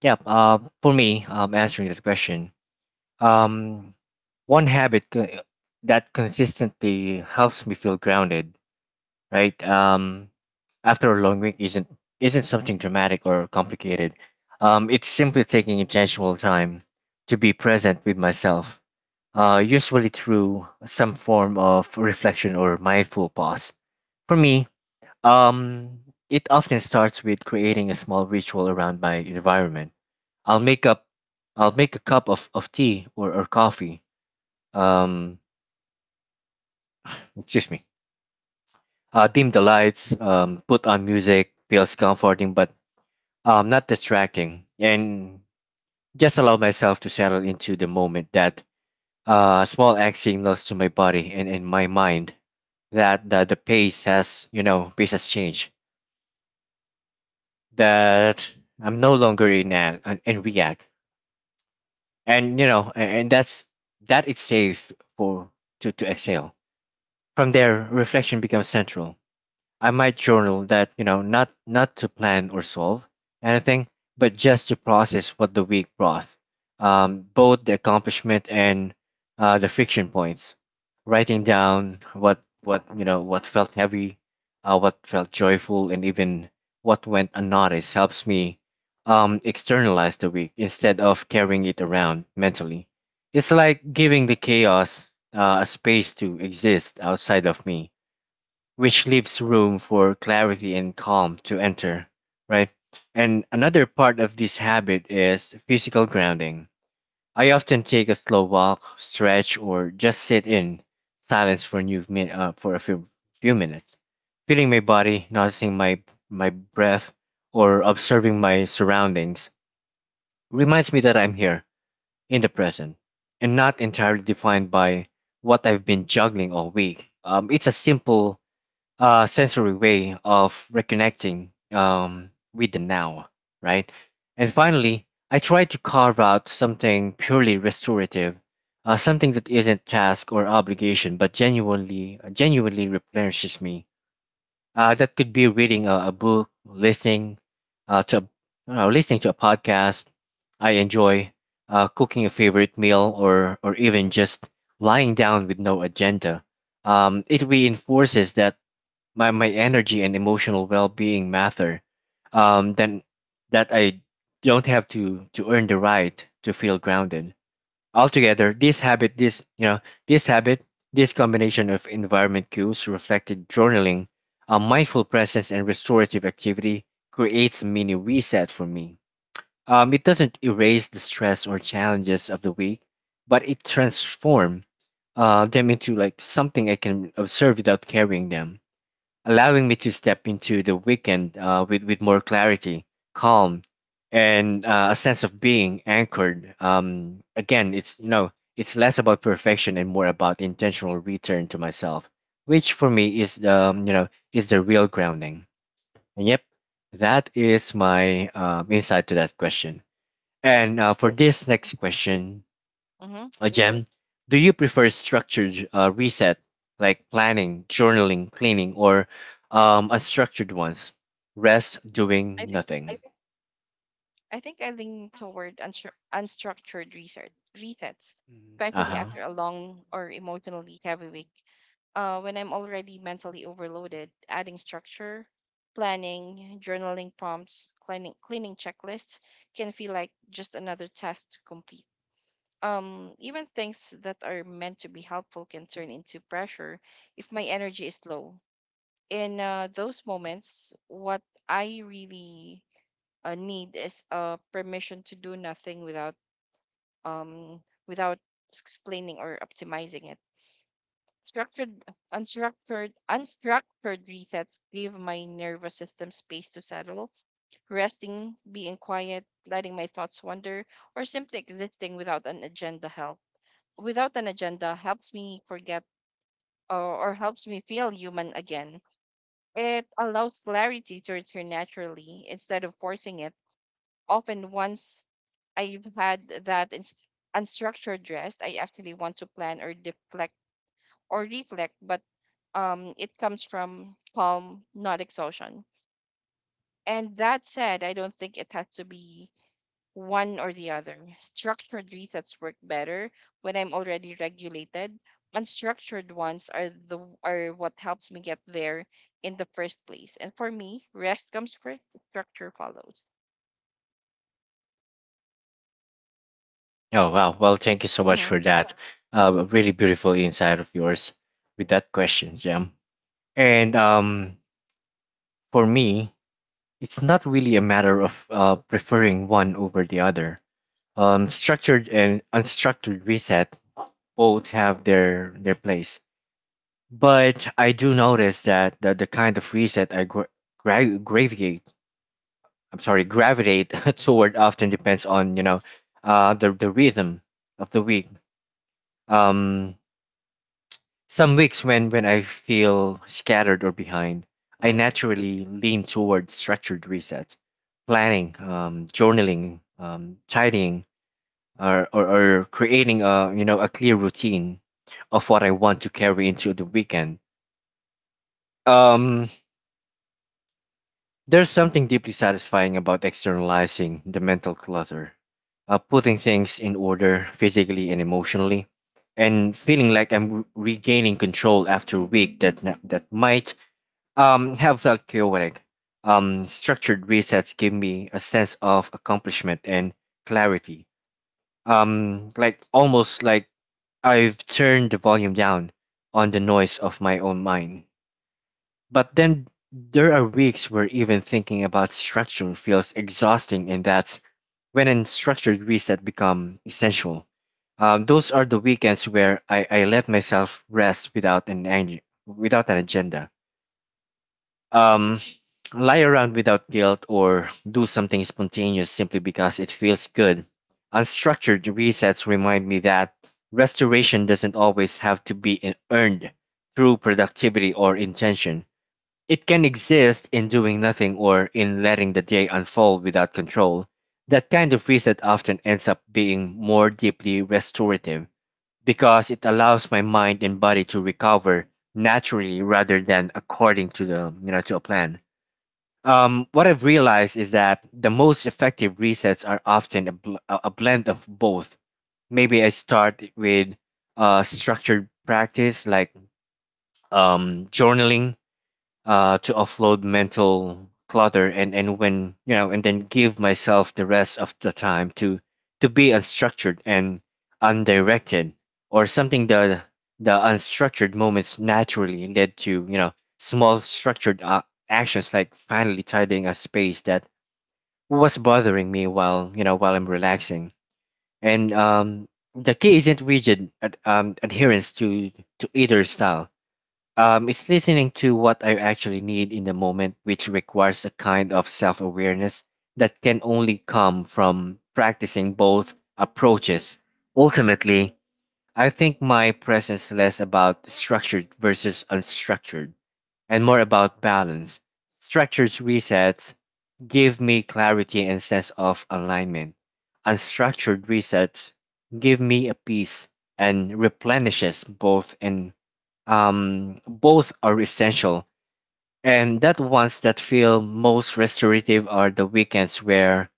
yeah, for me, answering this question. Um, One that consistently helps me feel grounded, right? After a long week isn't something dramatic or complicated. It's simply taking intentional time to be present with myself, usually through some form of reflection or mindful pause. For me, um, it often starts with creating a small ritual around my environment. I'll make up, I'll make a cup of tea or coffee, um, excuse me, dim the lights, put on music, feels comforting but not distracting, and just allow myself to settle into the moment that small act signals to my body and in my mind that the pace has, pace has changed, that I'm no longer in in react. And, you know, and that's, that it's safe for, to exhale. From there, reflection becomes central. I might journal that, you know, not to plan or solve anything, but just to process what the week brought, both the accomplishment and the friction points. Writing down what you know what felt heavy, what felt joyful, and even what went unnoticed helps me externalize the week instead of carrying it around mentally. It's like giving the chaos a space to exist outside of me, which leaves room for clarity and calm to enter, right? And another part of this habit is physical grounding. I often take a slow walk, stretch, or just sit in silence for a few minutes, feeling my body, noticing my breath, or observing my surroundings reminds me that I'm here in the present and not entirely defined by what I've been juggling all week. It's a simple sensory way of reconnecting with the now, right? And finally, I try to carve out something purely restorative, something that isn't task or obligation, but genuinely replenishes me. That could be reading a book, uh, to, listening to a podcast I enjoy, cooking a favorite meal, or even just lying down with no agenda. It reinforces that my energy and emotional well-being matter, then that I don't have to earn the right to feel grounded. Altogether, this habit this you know this habit this combination of environment cues, reflected journaling, a mindful presence, and restorative activity creates a mini reset for me. Um, it doesn't erase the stress or challenges of the week, but it transforms them into like something I can observe without carrying them, allowing me to step into the weekend with more clarity, calm, and a sense of being anchored. Again, it's you know it's less about perfection and more about intentional return to myself, which for me is the you know is the real grounding. And yep, that is my insight to that question. Yeah. And for this next question, Mm-hmm. again, do you prefer structured reset like planning, journaling, cleaning, or unstructured ones? Rest, I doing think nothing. I think I lean toward unstructured research resets, Uh especially huh. after a long or emotionally heavy week. When I'm already mentally overloaded, adding structure, planning, journaling prompts, cleaning checklists can feel like just another task to complete. Even things that are meant to be helpful can turn into pressure if my energy is low. In those moments, what I really need is permission to do nothing without um, without explaining or optimizing it. Structured, Unstructured resets give my nervous system space to settle. Resting, being quiet, letting my thoughts wander, or simply existing without an agenda helps me feel human again. It allows clarity to return naturally instead of forcing it. Often, once I've had that unstructured rest, I actually want to plan or deflect or reflect, but it comes from calm, not exhaustion. And that said, I don't think it has to be one or the other. Structured resets work better when I'm already regulated. Unstructured ones are the are what helps me get there in the first place. And for me, rest comes first, structure follows. Oh, wow. Well, thank you so much Hmm. for that. Really beautiful insight of yours with that question, Jam. And for me, it's not really a matter of preferring one over the other. Structured and unstructured reset both have their place. But I do notice that the kind of reset I gravitate, I'm sorry, gravitate <laughs> toward often depends on, you know, the rhythm of the week. Um, some weeks when I feel scattered or behind, I naturally lean toward structured reset, planning, journaling, tidying, or creating a, a clear routine of what I want to carry into the weekend. Um, There's something deeply satisfying about externalizing the mental clutter, putting things in order physically and emotionally, and feeling like I'm regaining control after a week that that might have felt chaotic. Structured resets give me a sense of accomplishment and clarity. Like almost like I've turned the volume down on the noise of my own mind. But then there are weeks where even thinking about structure feels exhausting, and that's when a structured reset become essential. Those are the weekends where I let myself rest without without an agenda. Um, lie around without guilt or do something spontaneous simply because it feels good. Unstructured resets remind me that restoration doesn't always have to be earned through productivity or intention. It can exist in doing nothing or in letting the day unfold without control. That kind of reset often ends up being more deeply restorative because it allows my mind and body to recover naturally rather than according to the you know to a plan. What I've realized is that the most effective resets are often a, bl- a blend of both. Maybe I start with structured practice like journaling to offload mental clutter, and when you know and then give myself the rest of the time to be unstructured and undirected. Or something, the unstructured moments naturally led to, small structured actions like finally tidying a space that was bothering me while, while I'm relaxing. And the key isn't rigid adherence to either style. Um, it's listening to what I actually need in the moment, which requires a kind of self awareness that can only come from practicing both approaches. Ultimately, I think my presence less about structured versus unstructured and more about balance. Structured resets give me clarity and sense of alignment. Unstructured resets give me a peace and replenishes both in. Both are essential, and that ones that feel most restorative are the weekends where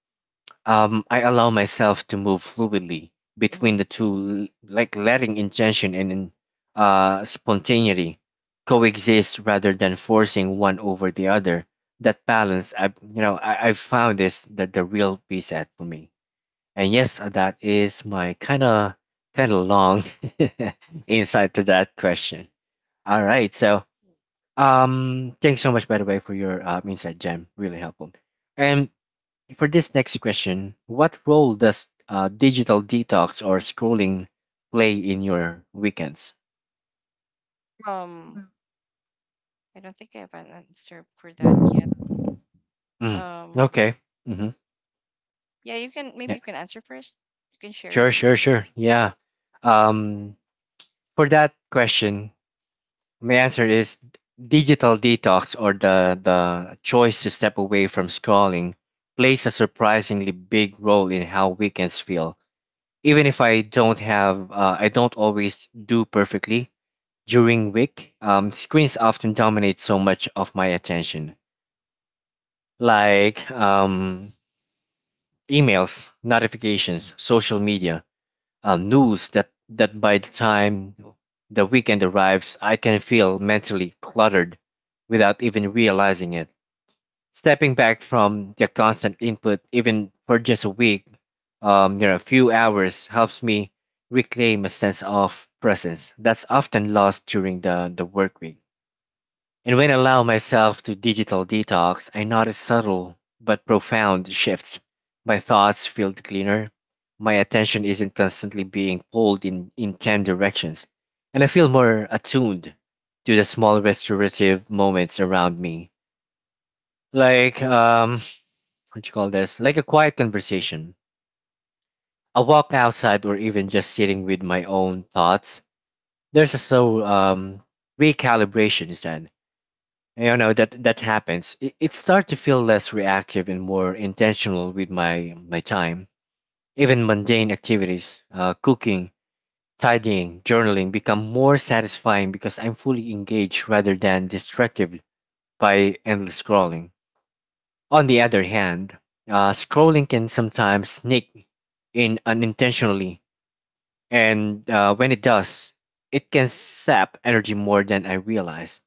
I allow myself to move fluidly between Hmm. the two, like letting intention and spontaneity coexist rather than forcing one over the other. That balance, I you know, I found is that the real peace at for me. And yes, that is my kind of long <laughs> insight to that question. All right, so thanks so much, by the way, for your insight, Jam. Really helpful. And for this next question, what role does digital detox or scrolling play in your weekends? Um, I don't think I have an answer for that yet. Mm, Um, okay. Mm-hmm. yeah, Yeah. You can answer first. You can share Sure, your sure, first. sure. Yeah. Um, for that question, my answer is digital detox or the choice to step away from scrolling plays a surprisingly big role in how weekends feel, even if I don't have, I don't always do perfectly during week. Screens often dominate so much of my attention, like emails, notifications, social media, news. That by the time the weekend arrives, I can feel mentally cluttered without even realizing it. Stepping back from the constant input, even for just a week, a few hours, helps me reclaim a sense of presence that's often lost during the work week. And when I allow myself to digital detox, I notice subtle but profound shifts. My thoughts feel cleaner. My attention isn't constantly being pulled in 10 directions. And I feel more attuned to the small restorative moments around me. Like, what you call this, like a quiet conversation, a walk outside, or even just sitting with my own thoughts. There's a recalibration is then, that happens. It starts to feel less reactive and more intentional with my time. Even mundane activities, cooking, tidying, journaling, become more satisfying because I'm fully engaged rather than distracted by endless scrolling. On the other hand, scrolling can sometimes sneak in unintentionally, and when it does, it can sap energy more than I realize.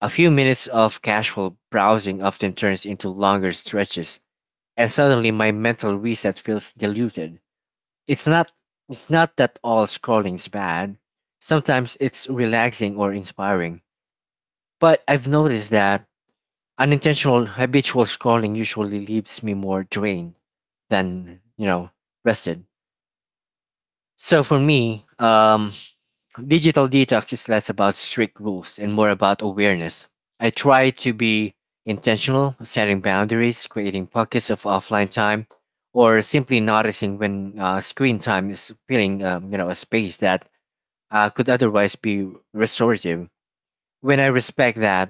A few minutes of casual browsing often turns into longer stretches, and suddenly my mental reset feels diluted. It's not it's not that all scrolling's bad. Sometimes it's relaxing or inspiring, but I've noticed that unintentional habitual scrolling usually leaves me more drained than, rested. So for me, digital detox is less about strict rules and more about awareness. I try to be intentional, setting boundaries, creating pockets of offline time, or simply noticing when screen time is filling, a space that could otherwise be restorative. When I respect that,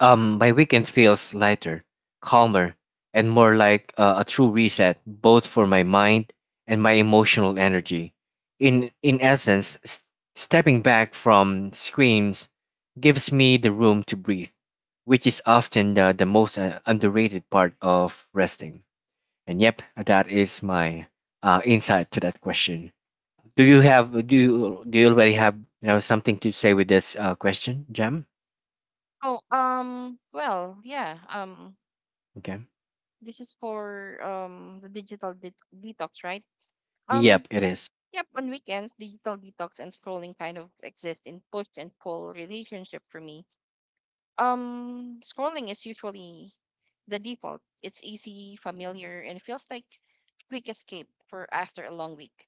My weekend feels lighter, calmer, and more like a true reset, both for my mind and my emotional energy. In essence, stepping back from screens gives me the room to breathe, which is often the most underrated part of resting. And yep, that is my insight to that question. Do you already have something to say with this question, Jam? Oh, well, yeah. Okay. This is for the detox, right? Um, Yep, it is. yep, on weekends, digital detox and scrolling kind of exist in push and pull relationship for me. Scrolling is usually the default. It's easy, familiar, and feels like quick escape for after a long week.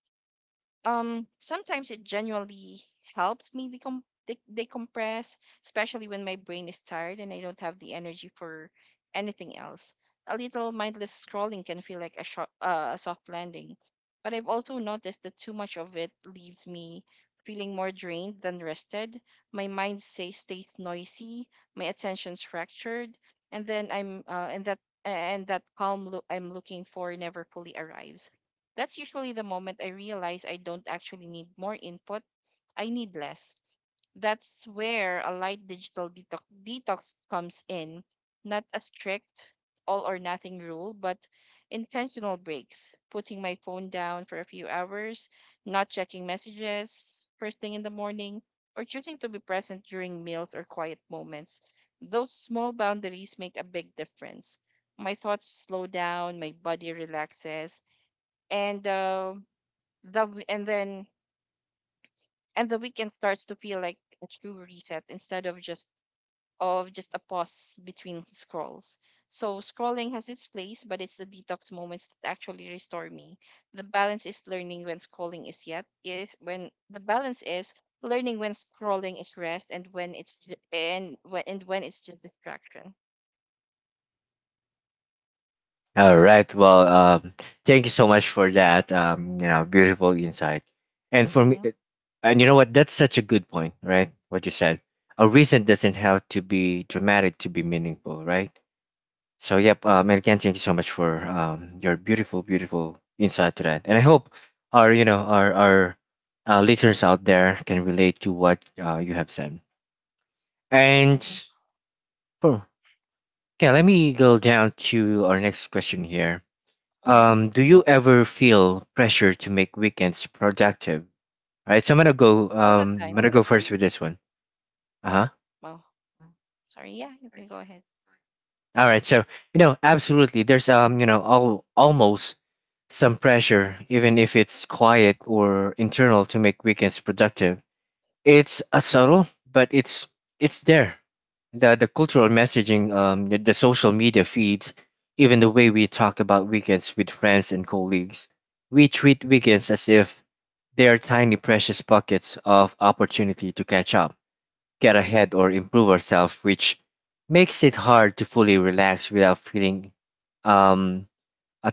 Sometimes it genuinely helps me decompress, especially when my brain is tired and I don't have the energy for anything else. A little mindless scrolling can feel like a soft landing, but I've also noticed that too much of it leaves me feeling more drained than rested. My mind stays noisy, my attention's fractured, and then I'm and that calm I'm looking for never fully arrives. That's usually the moment I realize I don't actually need more input, I need less. That's where a light detox comes in. Not a strict all or nothing rule, but intentional breaks, putting my phone down for a few hours, not checking messages first thing in the morning, or choosing to be present during meals or quiet moments. Those small boundaries make a big difference. My thoughts slow down, my body relaxes, and the w- and then and the weekend starts to feel like a true reset instead of just a pause between scrolls. So scrolling has its place, but it's the detox moments that actually restore me. The balance is learning when scrolling is yet is when The balance is learning when scrolling is rest and when it's ju- and when it's just distraction. All Yeah. right. Well, thank you so much for that. You know, beautiful insight. And for me, Mm-hmm. And you know what? That's such a good point, right? What you said. A reason doesn't have to be dramatic to be meaningful, right? So, yep. And again, thank you so much for your beautiful, beautiful insight to that. And I hope our, our listeners out there can relate to what you have said. And for yeah, let me go down to our next question here. Mm-hmm. Do you ever feel pressure to make weekends productive? All right, so I'm gonna go. All the Um, I'm time. gonna go first with this one. Uh huh. Oh, sorry. Yeah, you can go ahead. All right, so, absolutely. There's you know, all almost some pressure, even if it's quiet or internal, to make weekends productive. It's a subtle, but it's there. The cultural messaging, the social media feeds, even the way we talk about weekends with friends and colleagues. We treat weekends as if they are tiny precious pockets of opportunity to catch up, get ahead, or improve ourselves, which makes it hard to fully relax without feeling, um, a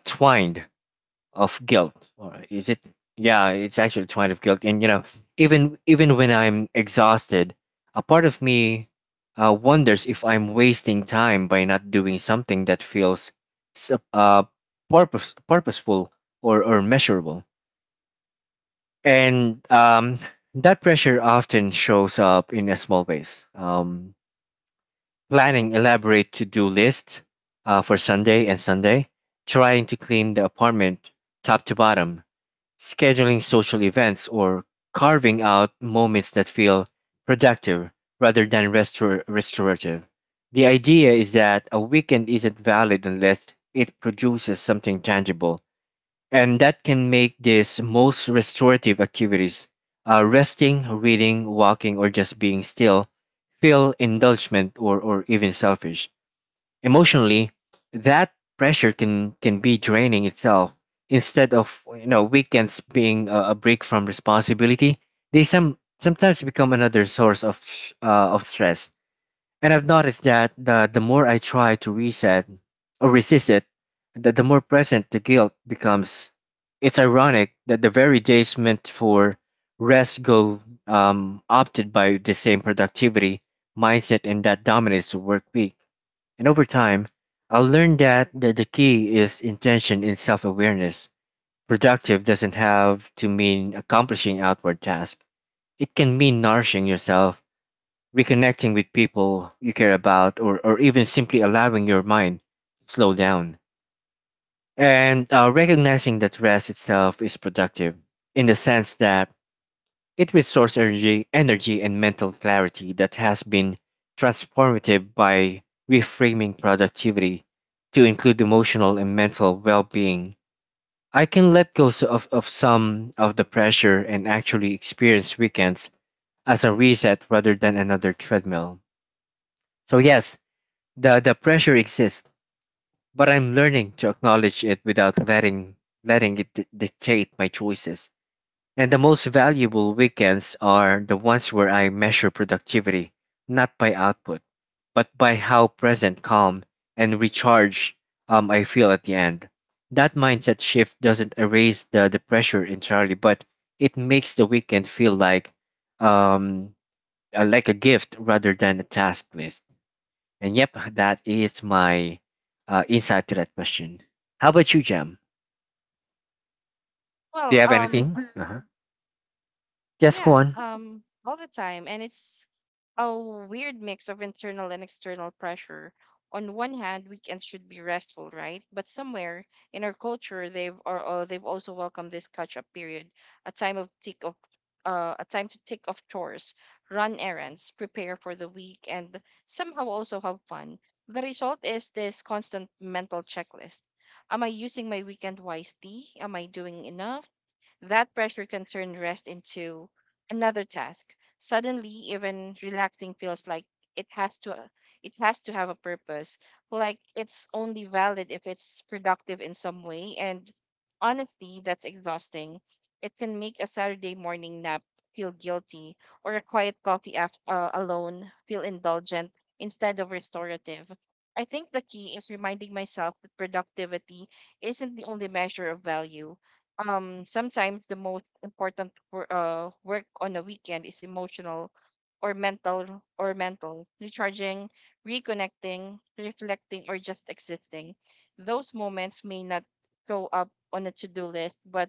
of guilt, or is it, yeah, it's actually a twinge of guilt. And you know, even when I'm exhausted, a part of me wonders if I'm wasting time by not doing something that feels sup- uh, purposeful, or measurable. And that pressure often shows up in a small ways, planning elaborate to-do lists for Sunday and Sunday, trying to clean the apartment top to bottom. Scheduling social events, or carving out moments that feel productive rather than restorative. The idea is that a weekend isn't valid unless it produces something tangible, and that can make these most restorative activities, resting, reading, walking, or just being still, feel indulgent, or even selfish. Emotionally, that pressure can be draining itself. Instead of, weekends being a break from responsibility, they sometimes become another source of of stress. And I've noticed that the more I try to reset or resist it, the more present the guilt becomes. It's ironic that the very days meant for rest go, opted by the same productivity mindset and that dominates the work week. And over time, I learned that the key is intention and self awareness. Productive doesn't have to mean accomplishing outward tasks, it can mean nourishing yourself, reconnecting with people you care about, or even simply allowing your mind to slow down. And recognizing that rest itself is productive in the sense that it restores energy and mental clarity that has been transformative. By reframing productivity to include emotional and mental well-being, I can let go of some of the pressure and actually experience weekends as a reset rather than another treadmill. So yes, the pressure exists, but I'm learning to acknowledge it without letting it dictate my choices. And the most valuable weekends are the ones where I measure productivity not by output, but by how present, calm, and recharged I feel at the end. That mindset shift doesn't erase the pressure entirely, but it makes the weekend feel um, like a gift rather than a task list. And yep, that is my insight to that question. How about you, Jam? Do you Well, have anything? Uh-huh. Yes, go yeah, on. All the time. And it's a weird mix of internal and external pressure. On one hand, weekends should be restful, right? But somewhere in our culture, they've or they've also welcomed this catch-up period, a time of tick of a time to tick off chores, run errands, prepare for the week, and somehow also have fun. The result is this constant mental checklist. Am I using my weekend wisely? Am I doing enough? That pressure can turn rest into another task. Suddenly, even relaxing feels like it has to it has to have a purpose. Like it's only valid if it's productive in some way. And honestly, that's exhausting. It can make a Saturday morning nap feel guilty or a quiet coffee alone feel indulgent instead of restorative. I think the key is reminding myself that productivity isn't the only measure of value. Sometimes the most important work on a weekend is emotional or mental recharging, reconnecting, reflecting, or just existing. Those moments may not show up on a to-do list, but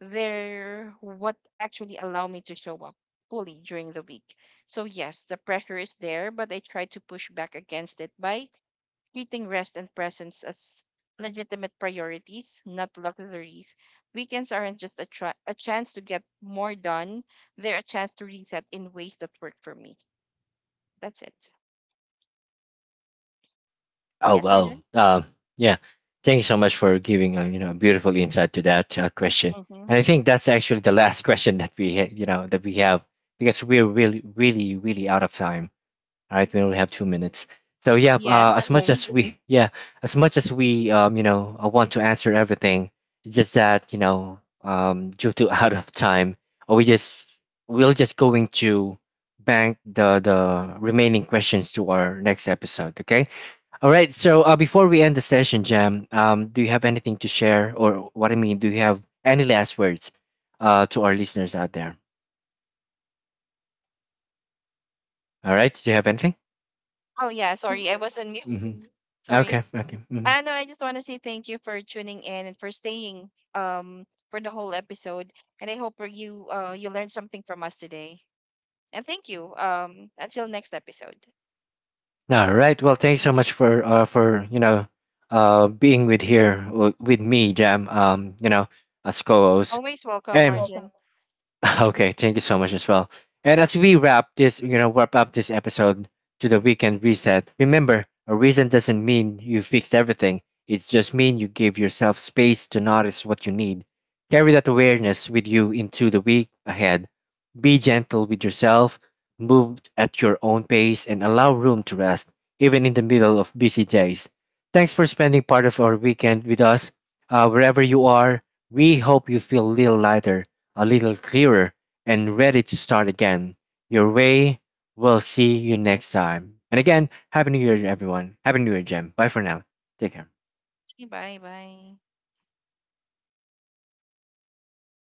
they're what actually allow me to show up fully during the week. So yes, the pressure is there, but I try to push back against it by treating rest and presence as legitimate priorities, not luxuries. Weekends aren't just a chance to get more done, they're a chance to reset in ways that work for me. That's it. Oh Yes, Arjun? well, yeah. Thank you so much for giving a, you know, beautiful insight to that question. Mm-hmm. And I think that's actually the last <laughs> question that we have, because we're really really really out of time. All right, we only have 2 minutes. So yeah, Yeah. <laughs> As much as we, want to answer everything. It's just that, due to <laughs> out of time, uh, we just we're just going to bank the remaining questions to our next episode. Okay. All right. So before we end the session, Jam, do you have anything to share, or what I mean, do you have any last words to our listeners out there? All right. Do you have anything? Oh, yeah. Sorry, I was on mute. Hmm. <laughs> Sorry. Okay. Okay. Hmm. I know. I just want to say thank you for tuning in and for staying for the whole episode. And I hope you learned something from us today. And thank you. Until next episode. All right. Well, thanks so much for, being with here with me, Jam. As co-host, Always welcome, and Arjun. <laughs> okay, thank you so much as well. And as we wrap this, you know, wrap up this episode to the weekend reset, remember, a reason doesn't mean you fixed everything. It just means you gave yourself space to notice what you need. Carry that awareness with you into the week ahead. Be gentle with yourself, move at your own pace, and allow room to rest, even in the middle of busy days. Thanks for spending part of our weekend with us. Wherever you are, we hope you feel a little lighter, a little clearer, and ready to start again your way. We'll see you next time. And again, Happy New Year, everyone. Happy New Year, Jem. Bye for now. Take care. Bye bye.